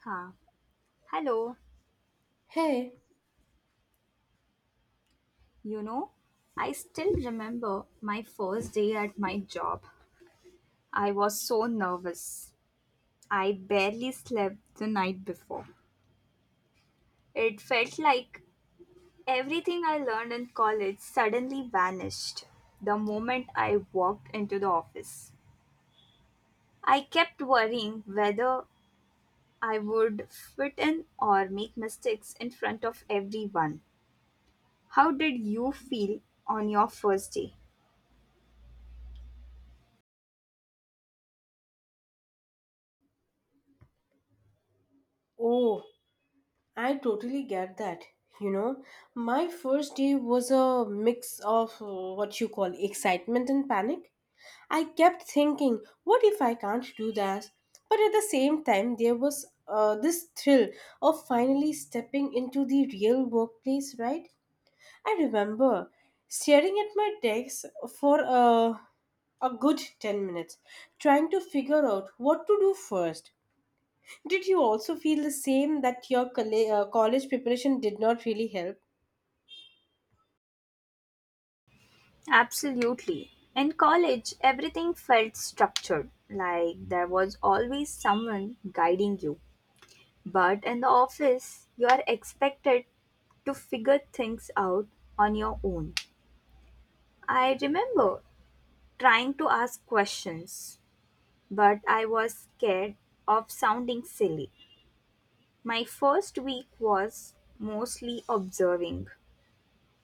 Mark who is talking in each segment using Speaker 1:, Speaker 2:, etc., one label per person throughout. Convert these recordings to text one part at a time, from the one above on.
Speaker 1: Huh. Hello.
Speaker 2: Hey,
Speaker 1: You know, I still remember my first day at my job. I was so nervous. I barely slept the night before. It felt like everything I learned in college suddenly vanished the moment I walked into the office. I kept worrying whether I would fit in or make mistakes in front of everyone. How did you feel on your first day?
Speaker 2: oh, I totally get that. You know, my first day was a mix of what you call excitement and panic. I kept thinking, what if I can't do that? But at the same time, there was this thrill of finally stepping into the real workplace, right? I remember staring at my desk for a good 10 minutes trying to figure out what to do first. Did you also feel the same that your college preparation did not really help?
Speaker 1: Absolutely. In college, everything felt structured, like there was always someone guiding you. But in the office, you are expected to figure things out on your own. I remember trying to ask questions, but I was scared of sounding silly. My first week was mostly observing,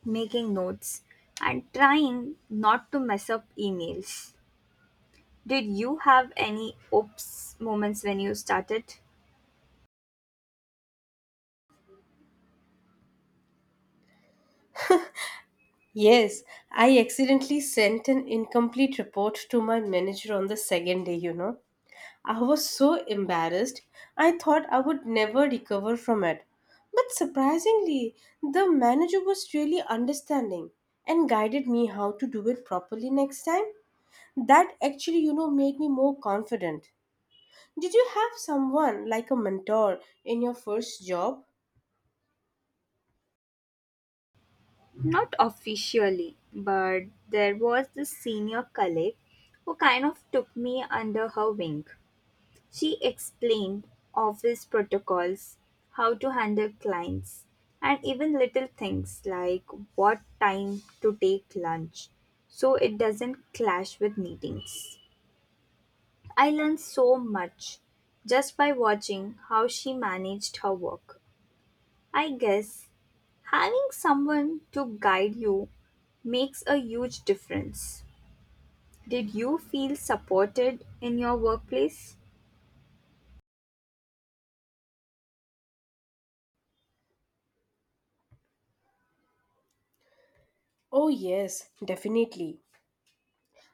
Speaker 1: making notes, and trying not to mess up emails. Did you have any oops moments when you started?
Speaker 2: Yes, I accidentally sent an incomplete report to my manager on the second day, you know. I was so embarrassed. I thought I would never recover from it. But surprisingly, the manager was really understanding and guided me how to do it properly next time. That actually, you know, made me more confident. Did you have someone like a mentor in your first job?
Speaker 1: Not officially, but there was this senior colleague who kind of took me under her wing. She explained office protocols, how to handle clients, and even little things like what time to take lunch so it doesn't clash with meetings. I learned so much just by watching how she managed her work. I guess having someone to guide you makes a huge difference. Did you feel supported in your workplace?
Speaker 2: Oh yes, definitely.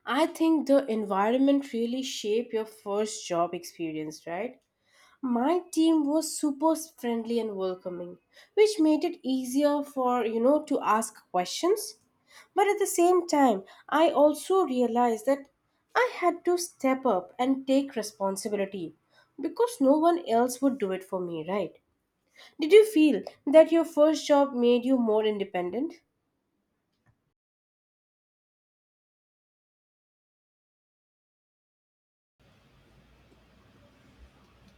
Speaker 2: I think the environment really shape your first job experience, right? My team was super friendly and welcoming, which made it easier for, you know, to ask questions. But at the same time, I also realized that I had to step up and take responsibility because no one else would do it for me, right? Did you feel that your first job made you more independent?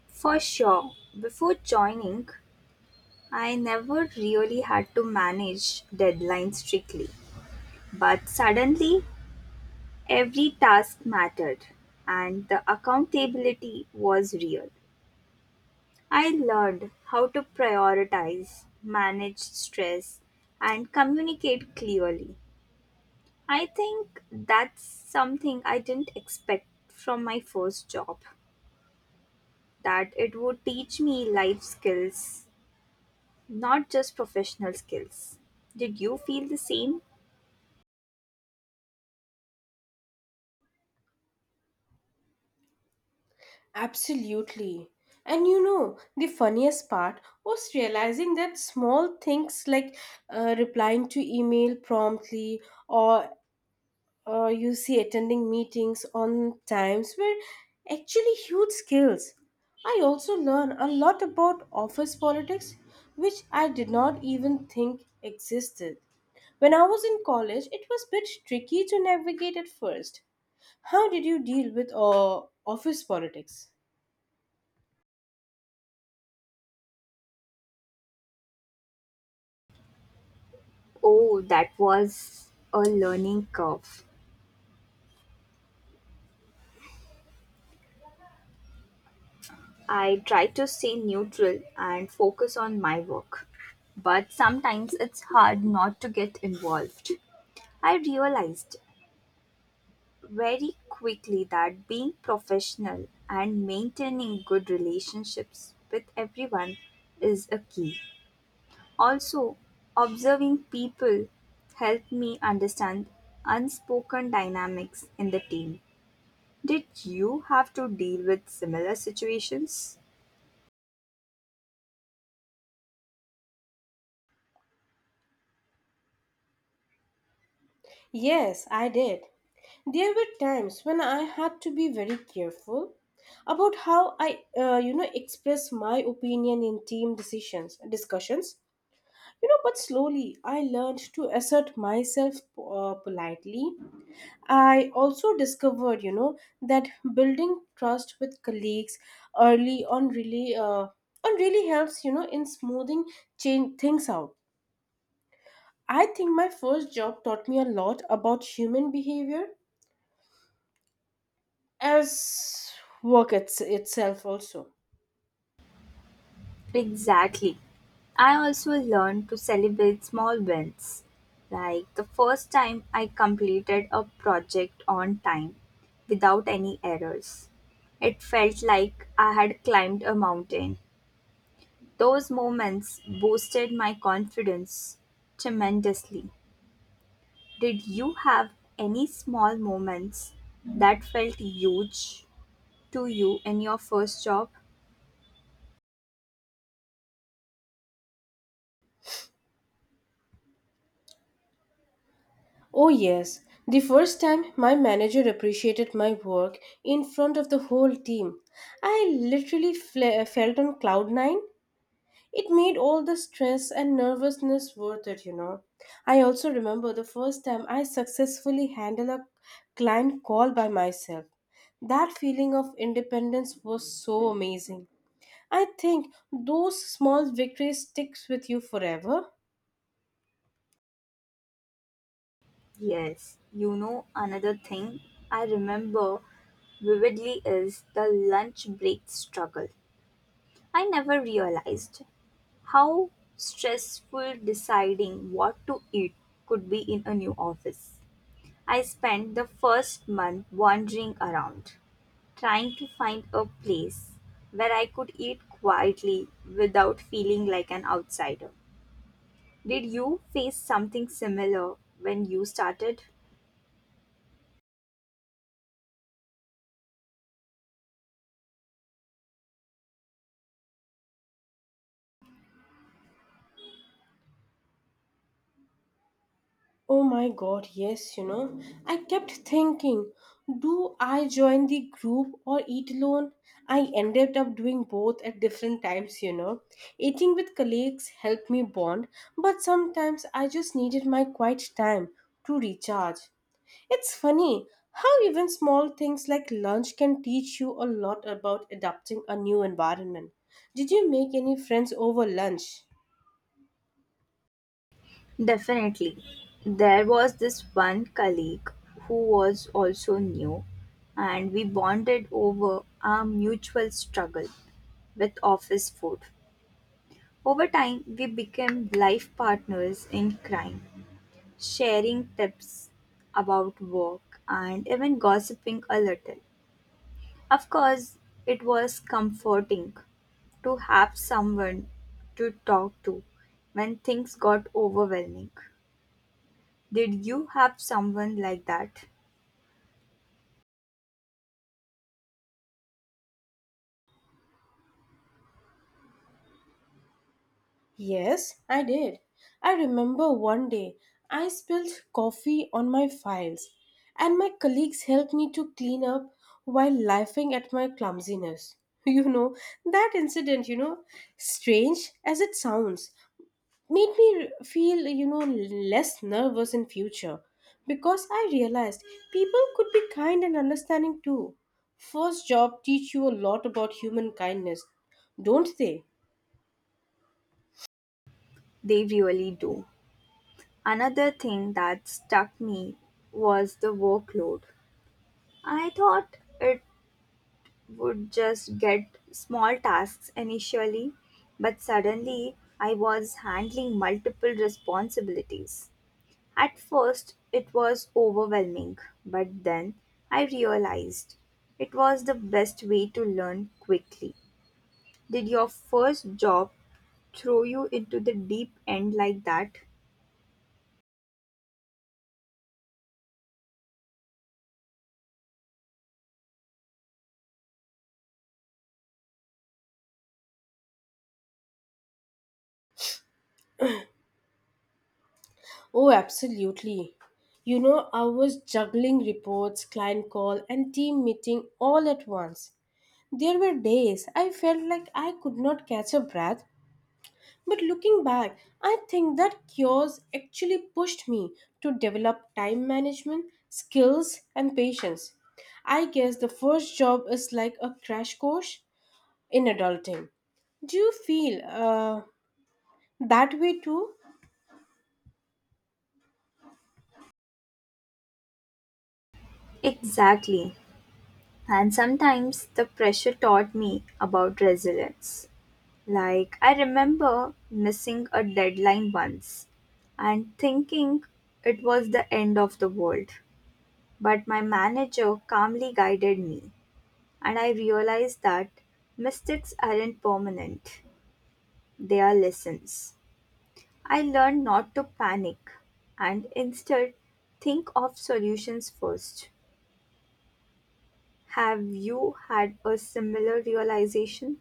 Speaker 1: For sure. Before joining, I never really had to manage deadlines strictly. But suddenly, every task mattered and the accountability was real. I learned how to prioritize, manage stress, and communicate clearly. I think that's something I didn't expect from my first job, that it would teach me life skills, not just professional skills. Did you feel the same?
Speaker 2: Absolutely. And you know, the funniest part was realizing that small things like replying to email promptly or you see attending meetings on times were actually huge skills. I also learned a lot about office politics, which I did not even think existed. When I was in college, it was a bit tricky to navigate at first. How did you deal with office politics?
Speaker 1: Oh, that was a learning curve. I try to stay neutral and focus on my work, but sometimes it's hard not to get involved. I realized very quickly that being professional and maintaining good relationships with everyone is a key. Also, observing people helped me understand unspoken dynamics in the team. Did you have to deal with similar situations?
Speaker 2: Yes, I did. There were times when I had to be very careful about how I you know, express my opinion in team decisions discussions. You know, but slowly I learned to assert myself politely. I also discovered, you know, that building trust with colleagues early on really helps, you know, in smoothing change things out. I think my first job taught me a lot about human behavior as itself also.
Speaker 1: Exactly. I also learned to celebrate small wins, like the first time I completed a project on time without any errors. It felt like I had climbed a mountain. Those moments boosted my confidence tremendously. Did you have any small moments that felt huge to you in your first job?
Speaker 2: Oh, yes. The first time my manager appreciated my work in front of the whole team, I literally felt on cloud nine. It made all the stress and nervousness worth it, you know. I also remember the first time I successfully handled a client call by myself. That feeling of independence was so amazing. I think those small victories sticks with you forever.
Speaker 1: Yes, you know, another thing I remember vividly is the lunch break struggle. I never realized how stressful deciding what to eat could be in a new office. I spent the first month wandering around, trying to find a place where I could eat quietly without feeling like an outsider. Did you face something similar when you started?
Speaker 2: Oh my god, yes, you know. I kept thinking, do I join the group or eat alone? I ended up doing both at different times, you know. Eating with colleagues helped me bond, but sometimes I just needed my quiet time to recharge. It's funny how even small things like lunch can teach you a lot about adapting a new environment. Did you make any friends over lunch?
Speaker 1: Definitely. There was this one colleague who was also new, and we bonded over our mutual struggle with office food. Over time, we became life partners in crime, sharing tips about work and even gossiping a little. Of course, it was comforting to have someone to talk to when things got overwhelming. Did you have someone like that?
Speaker 2: Yes, I did. I remember one day I spilled coffee on my files, and my colleagues helped me to clean up while laughing at my clumsiness. You know, that incident, you know, strange as it sounds, made me feel, you know, less nervous in future because I realized people could be kind and understanding too. First job teach you a lot about human kindness, don't they?
Speaker 1: They really do. Another thing that stuck me was the workload. I thought it would just get small tasks initially, but suddenly I was handling multiple responsibilities. At first, it was overwhelming, but then I realized it was the best way to learn quickly. Did your first job throw you into the deep end like that?
Speaker 2: Oh, absolutely. You know, I was juggling reports, client call, and team meeting all at once. There were days I felt like I could not catch a breath, but looking back, I think that cures actually pushed me to develop time management skills and patience. I guess the first job is like a crash course in adulting. Do you feel that way too?
Speaker 1: Exactly. And sometimes the pressure taught me about resilience. Like, I remember missing a deadline once and thinking it was the end of the world. But my manager calmly guided me, and I realized that mistakes aren't permanent, they are lessons. I learned not to panic and instead think of solutions first. Have you had a similar realization?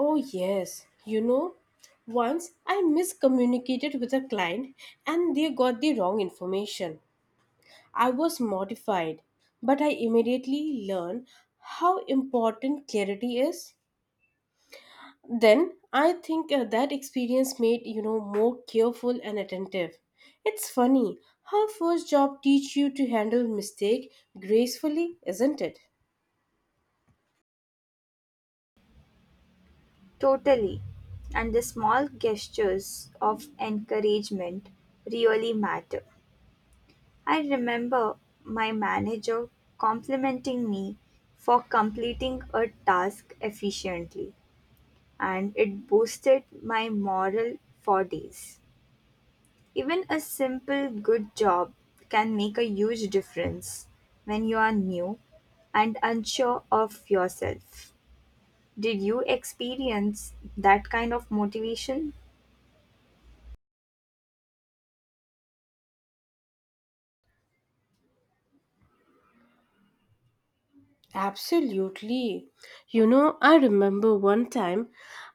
Speaker 2: Oh, yes. You know, once I miscommunicated with a client and they got the wrong information. I was mortified, but I immediately learned how important clarity is. Then I think that experience made, you know, more careful and attentive. It's funny how first job teach you to handle mistake gracefully, isn't it?
Speaker 1: Totally. And the small gestures of encouragement really matter. I remember my manager complimenting me for completing a task efficiently, and it boosted my morale for days. Even a simple good job can make a huge difference when you are new and unsure of yourself. Did you experience that kind of motivation?
Speaker 2: Absolutely. You know, I remember one time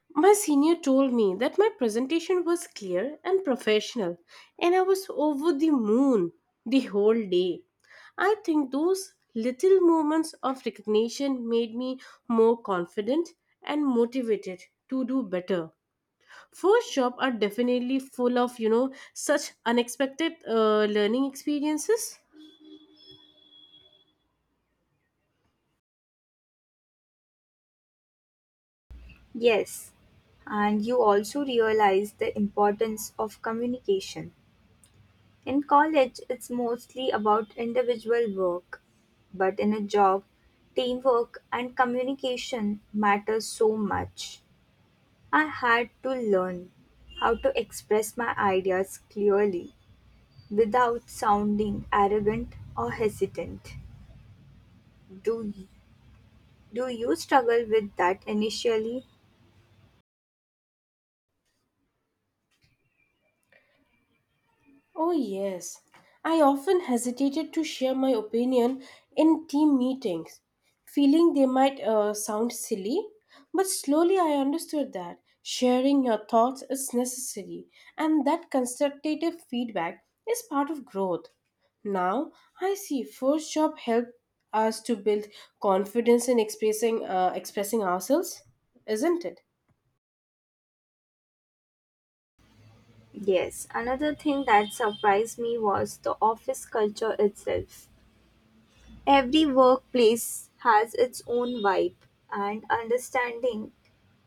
Speaker 2: my senior told me that my presentation was clear and professional, and I was over the moon the whole day. I think those little moments of recognition made me more confident and motivated to do better. First job are definitely full of, you know, such unexpected learning experiences.
Speaker 1: Yes. And you also realize the importance of communication. In college, it's mostly about individual work, but in a job, teamwork and communication matter so much. I had to learn how to express my ideas clearly without sounding arrogant or hesitant. Do, do you struggle with that initially?
Speaker 2: Oh, yes. I often hesitated to share my opinion in team meetings, feeling they might sound silly. But slowly I understood that sharing your thoughts is necessary and that constructive feedback is part of growth. Now I see first job helped us to build confidence in expressing ourselves, isn't it?
Speaker 1: Yes, another thing that surprised me was the office culture itself. Every workplace has its own vibe, and understanding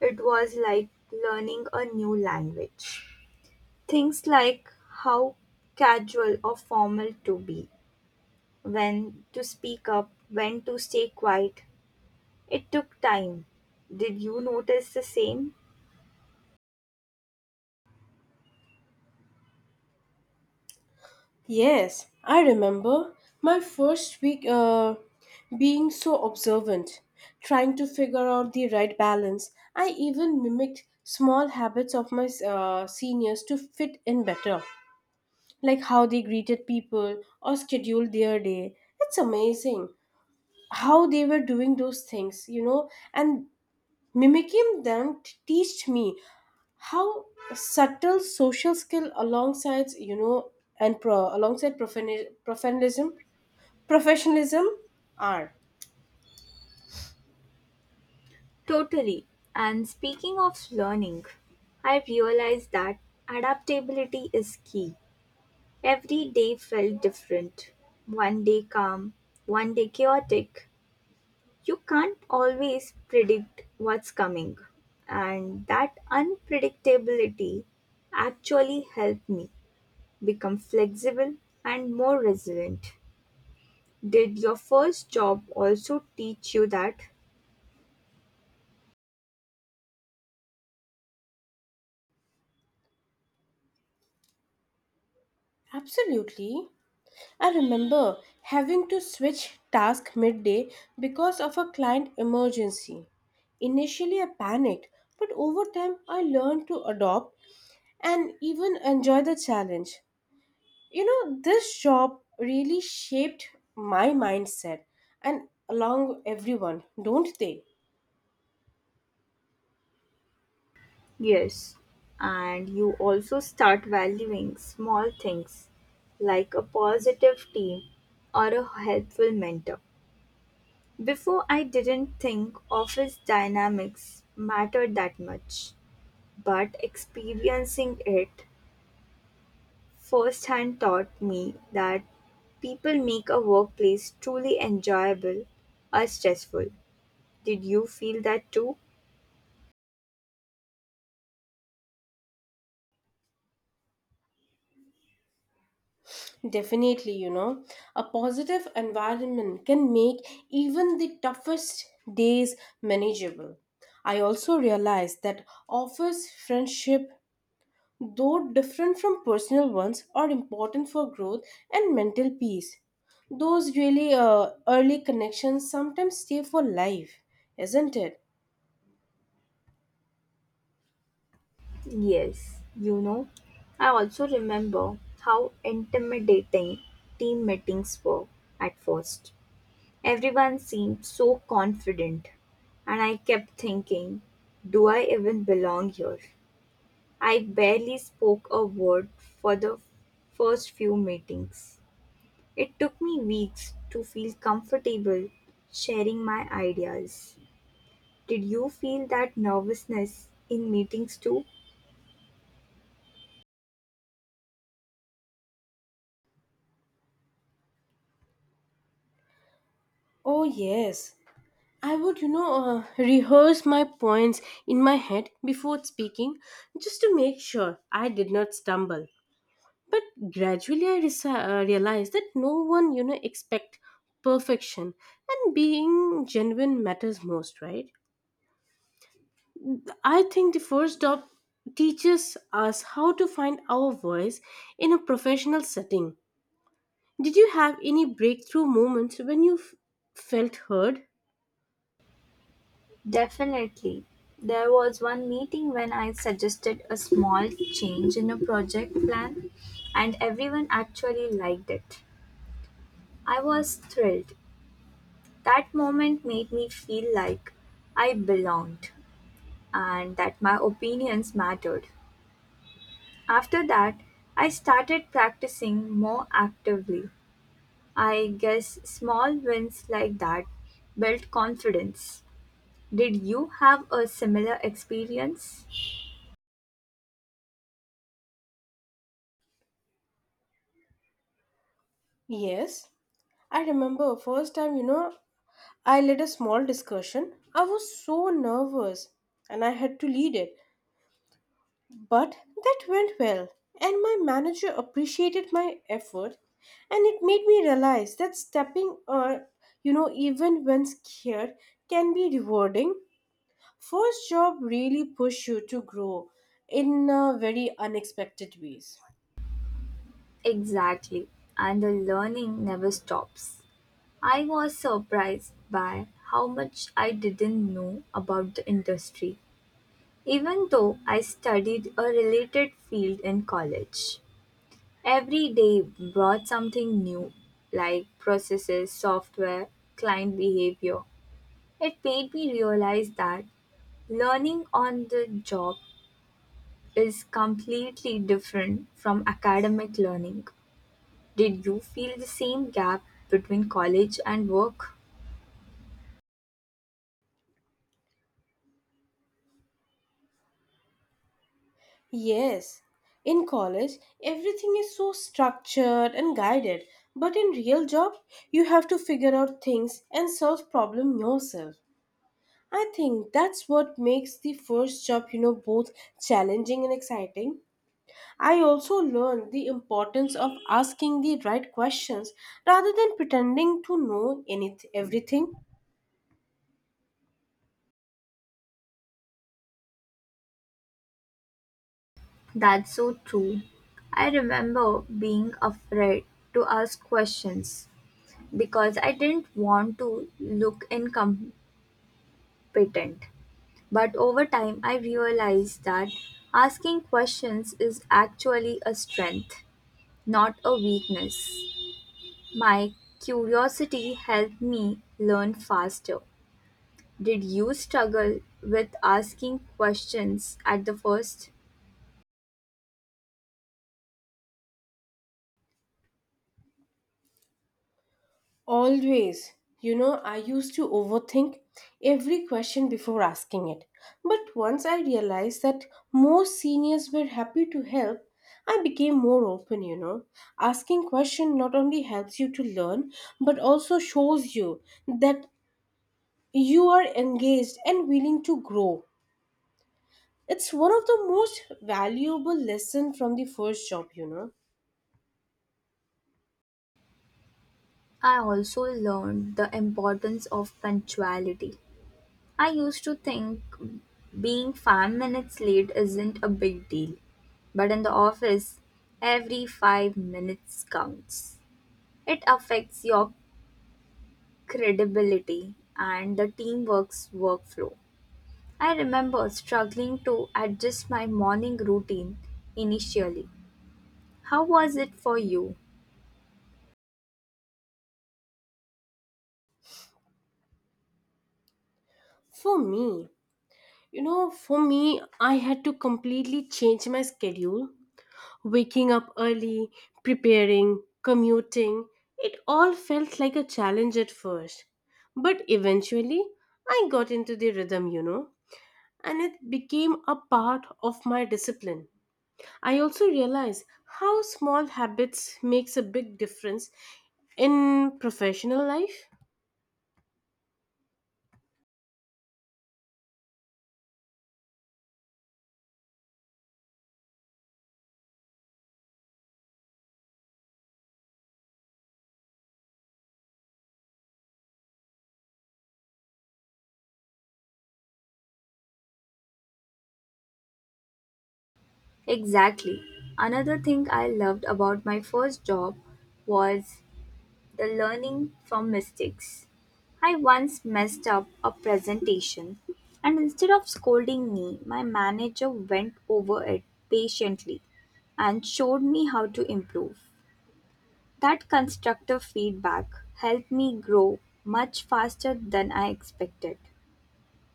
Speaker 1: it was like learning a new language. Things like how casual or formal to be, when to speak up, when to stay quiet. It took time. Did you notice the same?
Speaker 2: Yes, I remember my first week being so observant, trying to figure out the right balance. I even mimicked small habits of my seniors to fit in better, like how they greeted people or scheduled their day. It's amazing how they were doing those things, you know, and mimicking them teached me how subtle social skill alongside, you know, alongside professionalism are.
Speaker 1: Totally. And speaking of learning, I realized that adaptability is key. Every day felt different. One day calm, one day chaotic. You can't always predict what's coming. And that unpredictability actually helped me become flexible and more resilient. Did your first job also teach you that?
Speaker 2: Absolutely. I remember having to switch task midday because of a client emergency. Initially I panicked, but over time I learned to adopt and even enjoy the challenge. You know, this job really shaped my mindset and along everyone, don't they?
Speaker 1: Yes, and you also start valuing small things like a positive team or a helpful mentor. Before, I didn't think office dynamics mattered that much, but experiencing it firsthand taught me that people make a workplace truly enjoyable or stressful. Did you feel that too?
Speaker 2: Definitely, you know, a positive environment can make even the toughest days manageable. I also realized that office friendship, though different from personal ones, are important for growth and mental peace. Those really early connections sometimes stay for life, isn't it?
Speaker 1: Yes, you know, I also remember how intimidating team meetings were at first. Everyone seemed so confident, and I kept thinking, do I even belong here? I barely spoke a word for the first few meetings. It took me weeks to feel comfortable sharing my ideas. Did you feel that nervousness in meetings too?
Speaker 2: Oh, yes. I would, rehearse my points in my head before speaking just to make sure I did not stumble. But gradually I realized that no one, you know, expect perfection and being genuine matters most, right? I think the first job teaches us how to find our voice in a professional setting. Did you have any breakthrough moments when you felt heard?
Speaker 1: Definitely. There was one meeting when I suggested a small change in a project plan, and everyone actually liked it. I was thrilled. That moment made me feel like I belonged and that my opinions mattered. After that, I started practicing more actively. I guess small wins like that build confidence. Did you have a similar experience?
Speaker 2: Yes, I remember first time you know I led a small discussion. I was so nervous and I had to lead it, but that went well. And my manager appreciated my effort and it made me realize that stepping you know even when scared can be rewarding. First job really push you to grow in very unexpected ways.
Speaker 1: Exactly. And the learning never stops. I was surprised by how much I didn't know about the industry, even though I studied a related field in college. Every day brought something new, like processes, software, client behavior. It made me realize that learning on the job is completely different from academic learning. Did you feel the same gap between college and work?
Speaker 2: Yes, in college, everything is so structured and guided, but in real job, you have to figure out things and solve problem yourself. I think that's what makes the first job, you know, both challenging and exciting. I also learned the importance of asking the right questions rather than pretending to know anything everything.
Speaker 1: That's so true. I remember being afraid to ask questions because I didn't want to look incompetent. But over time, I realized that asking questions is actually a strength, not a weakness. My curiosity helped me learn faster. Did you struggle with asking questions at the first?
Speaker 2: Always. You know, I used to overthink every question before asking it. But once I realized that more seniors were happy to help, I became more open, you know. Asking question not only helps you to learn, but also shows you that you are engaged and willing to grow. It's one of the most valuable lesson from the first job, you know.
Speaker 1: I also learned the importance of punctuality. I used to think being 5 minutes late isn't a big deal, but in the office, every 5 minutes counts. It affects your credibility and the teamwork's workflow. I remember struggling to adjust my morning routine initially. How was it for you?
Speaker 2: For me, I had to completely change my schedule. Waking up early, preparing, commuting, it all felt like a challenge at first. But eventually, I got into the rhythm, you know, and it became a part of my discipline. I also realized how small habits makes a big difference in professional life.
Speaker 1: Exactly. Another thing I loved about my first job was the learning from mistakes. I once messed up a presentation, and instead of scolding me, my manager went over it patiently and showed me how to improve. That constructive feedback helped me grow much faster than I expected.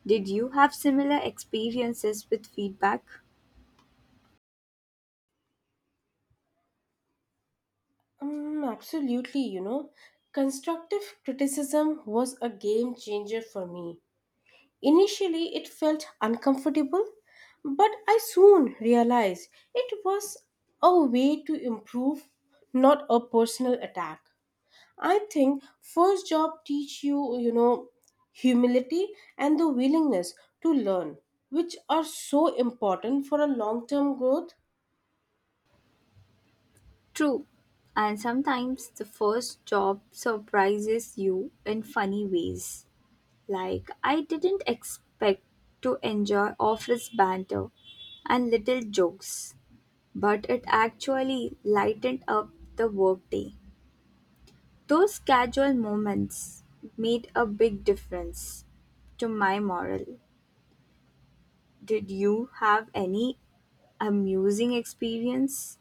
Speaker 1: Did you have similar experiences with feedback?
Speaker 2: Absolutely, you know, constructive criticism was a game changer for me. Initially, it felt uncomfortable, but I soon realized it was a way to improve, not a personal attack. I think first job teach you, you know, humility and the willingness to learn, which are so important for a long-term growth.
Speaker 1: True, and sometimes the first job surprises you in funny ways. Like, I didn't expect to enjoy office banter and little jokes, but it actually lightened up the workday. Those casual moments made a big difference to my morale. Did you have any amusing experience?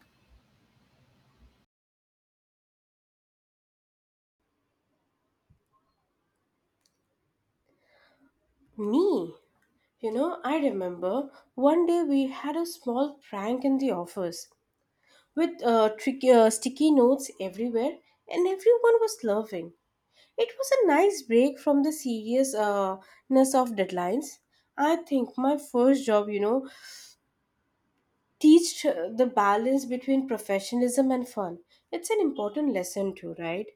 Speaker 2: Me, you know, I remember one day we had a small prank in the office with sticky notes everywhere, and everyone was laughing. It was a nice break from the seriousness of deadlines. I think my first job, you know, teached the balance between professionalism and fun. It's an important lesson too, right?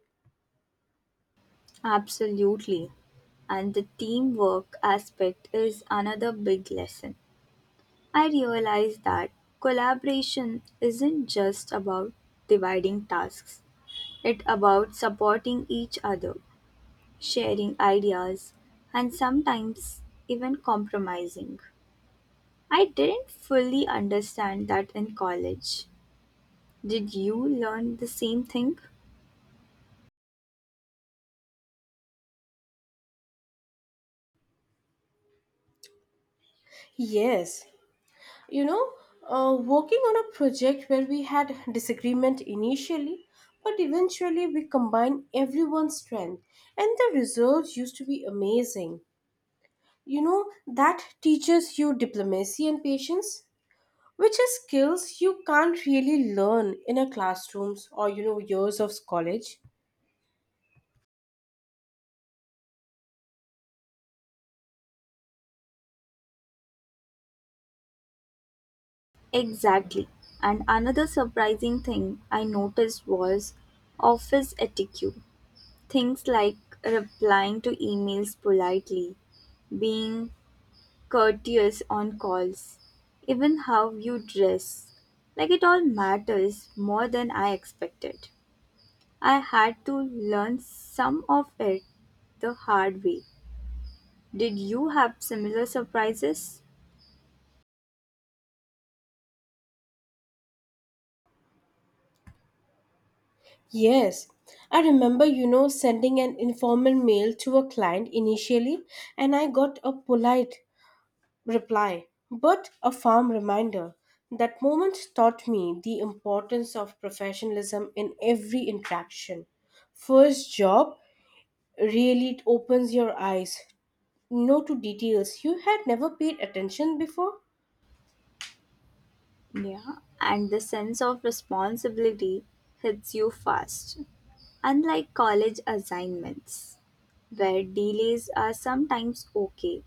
Speaker 1: Absolutely. And the teamwork aspect is another big lesson. I realized that collaboration isn't just about dividing tasks. It's about supporting each other, sharing ideas, and sometimes even compromising. I didn't fully understand that in college. Did you learn the same thing?
Speaker 2: Yes. You know, working on a project where we had disagreement initially, but eventually we combined everyone's strength, and the results used to be amazing. You know, that teaches you diplomacy and patience, which are skills you can't really learn in a classrooms or you know years of college.
Speaker 1: Exactly. And another surprising thing I noticed was office etiquette. Things like replying to emails politely, being courteous on calls, even how you dress. Like it all matters more than I expected. I had to learn some of it the hard way. Did you have similar surprises?
Speaker 2: Yes, I remember, you know, sending an informal mail to a client initially, and I got a polite reply, but a firm reminder. That moment taught me the importance of professionalism in every interaction. First job really opens your eyes no to details you had never paid attention before.
Speaker 1: Yeah, and the sense of responsibility hits you fast. Unlike college assignments, where delays are sometimes okay,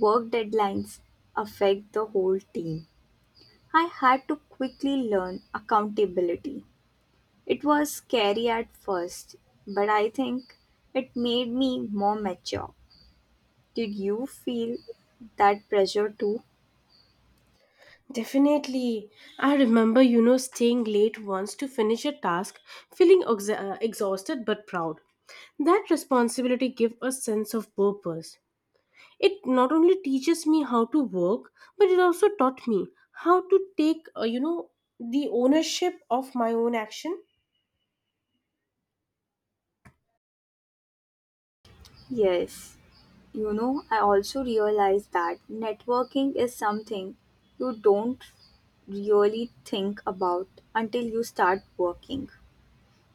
Speaker 1: work deadlines affect the whole team. I had to quickly learn accountability. It was scary at first, but I think it made me more mature. Did you feel that pressure too?
Speaker 2: Definitely. I remember, you know, staying late once to finish a task, feeling exhausted but proud. That responsibility gave a sense of purpose. It not only teaches me how to work, but it also taught me how to take, you know, the ownership of my own action.
Speaker 1: Yes. You know, I also realized that networking is something you don't really think about until you start working.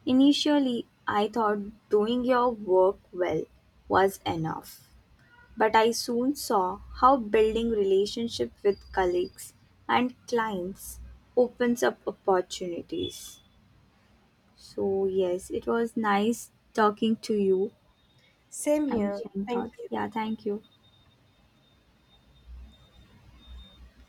Speaker 1: Initially, I thought doing your work well was enough, but I soon saw how building relationship with colleagues and clients opens up opportunities. So, yes, it was nice talking to you
Speaker 2: Same
Speaker 1: and
Speaker 2: here.
Speaker 1: sharing
Speaker 2: Thank
Speaker 1: thoughts.
Speaker 2: you.
Speaker 1: Yeah, thank you.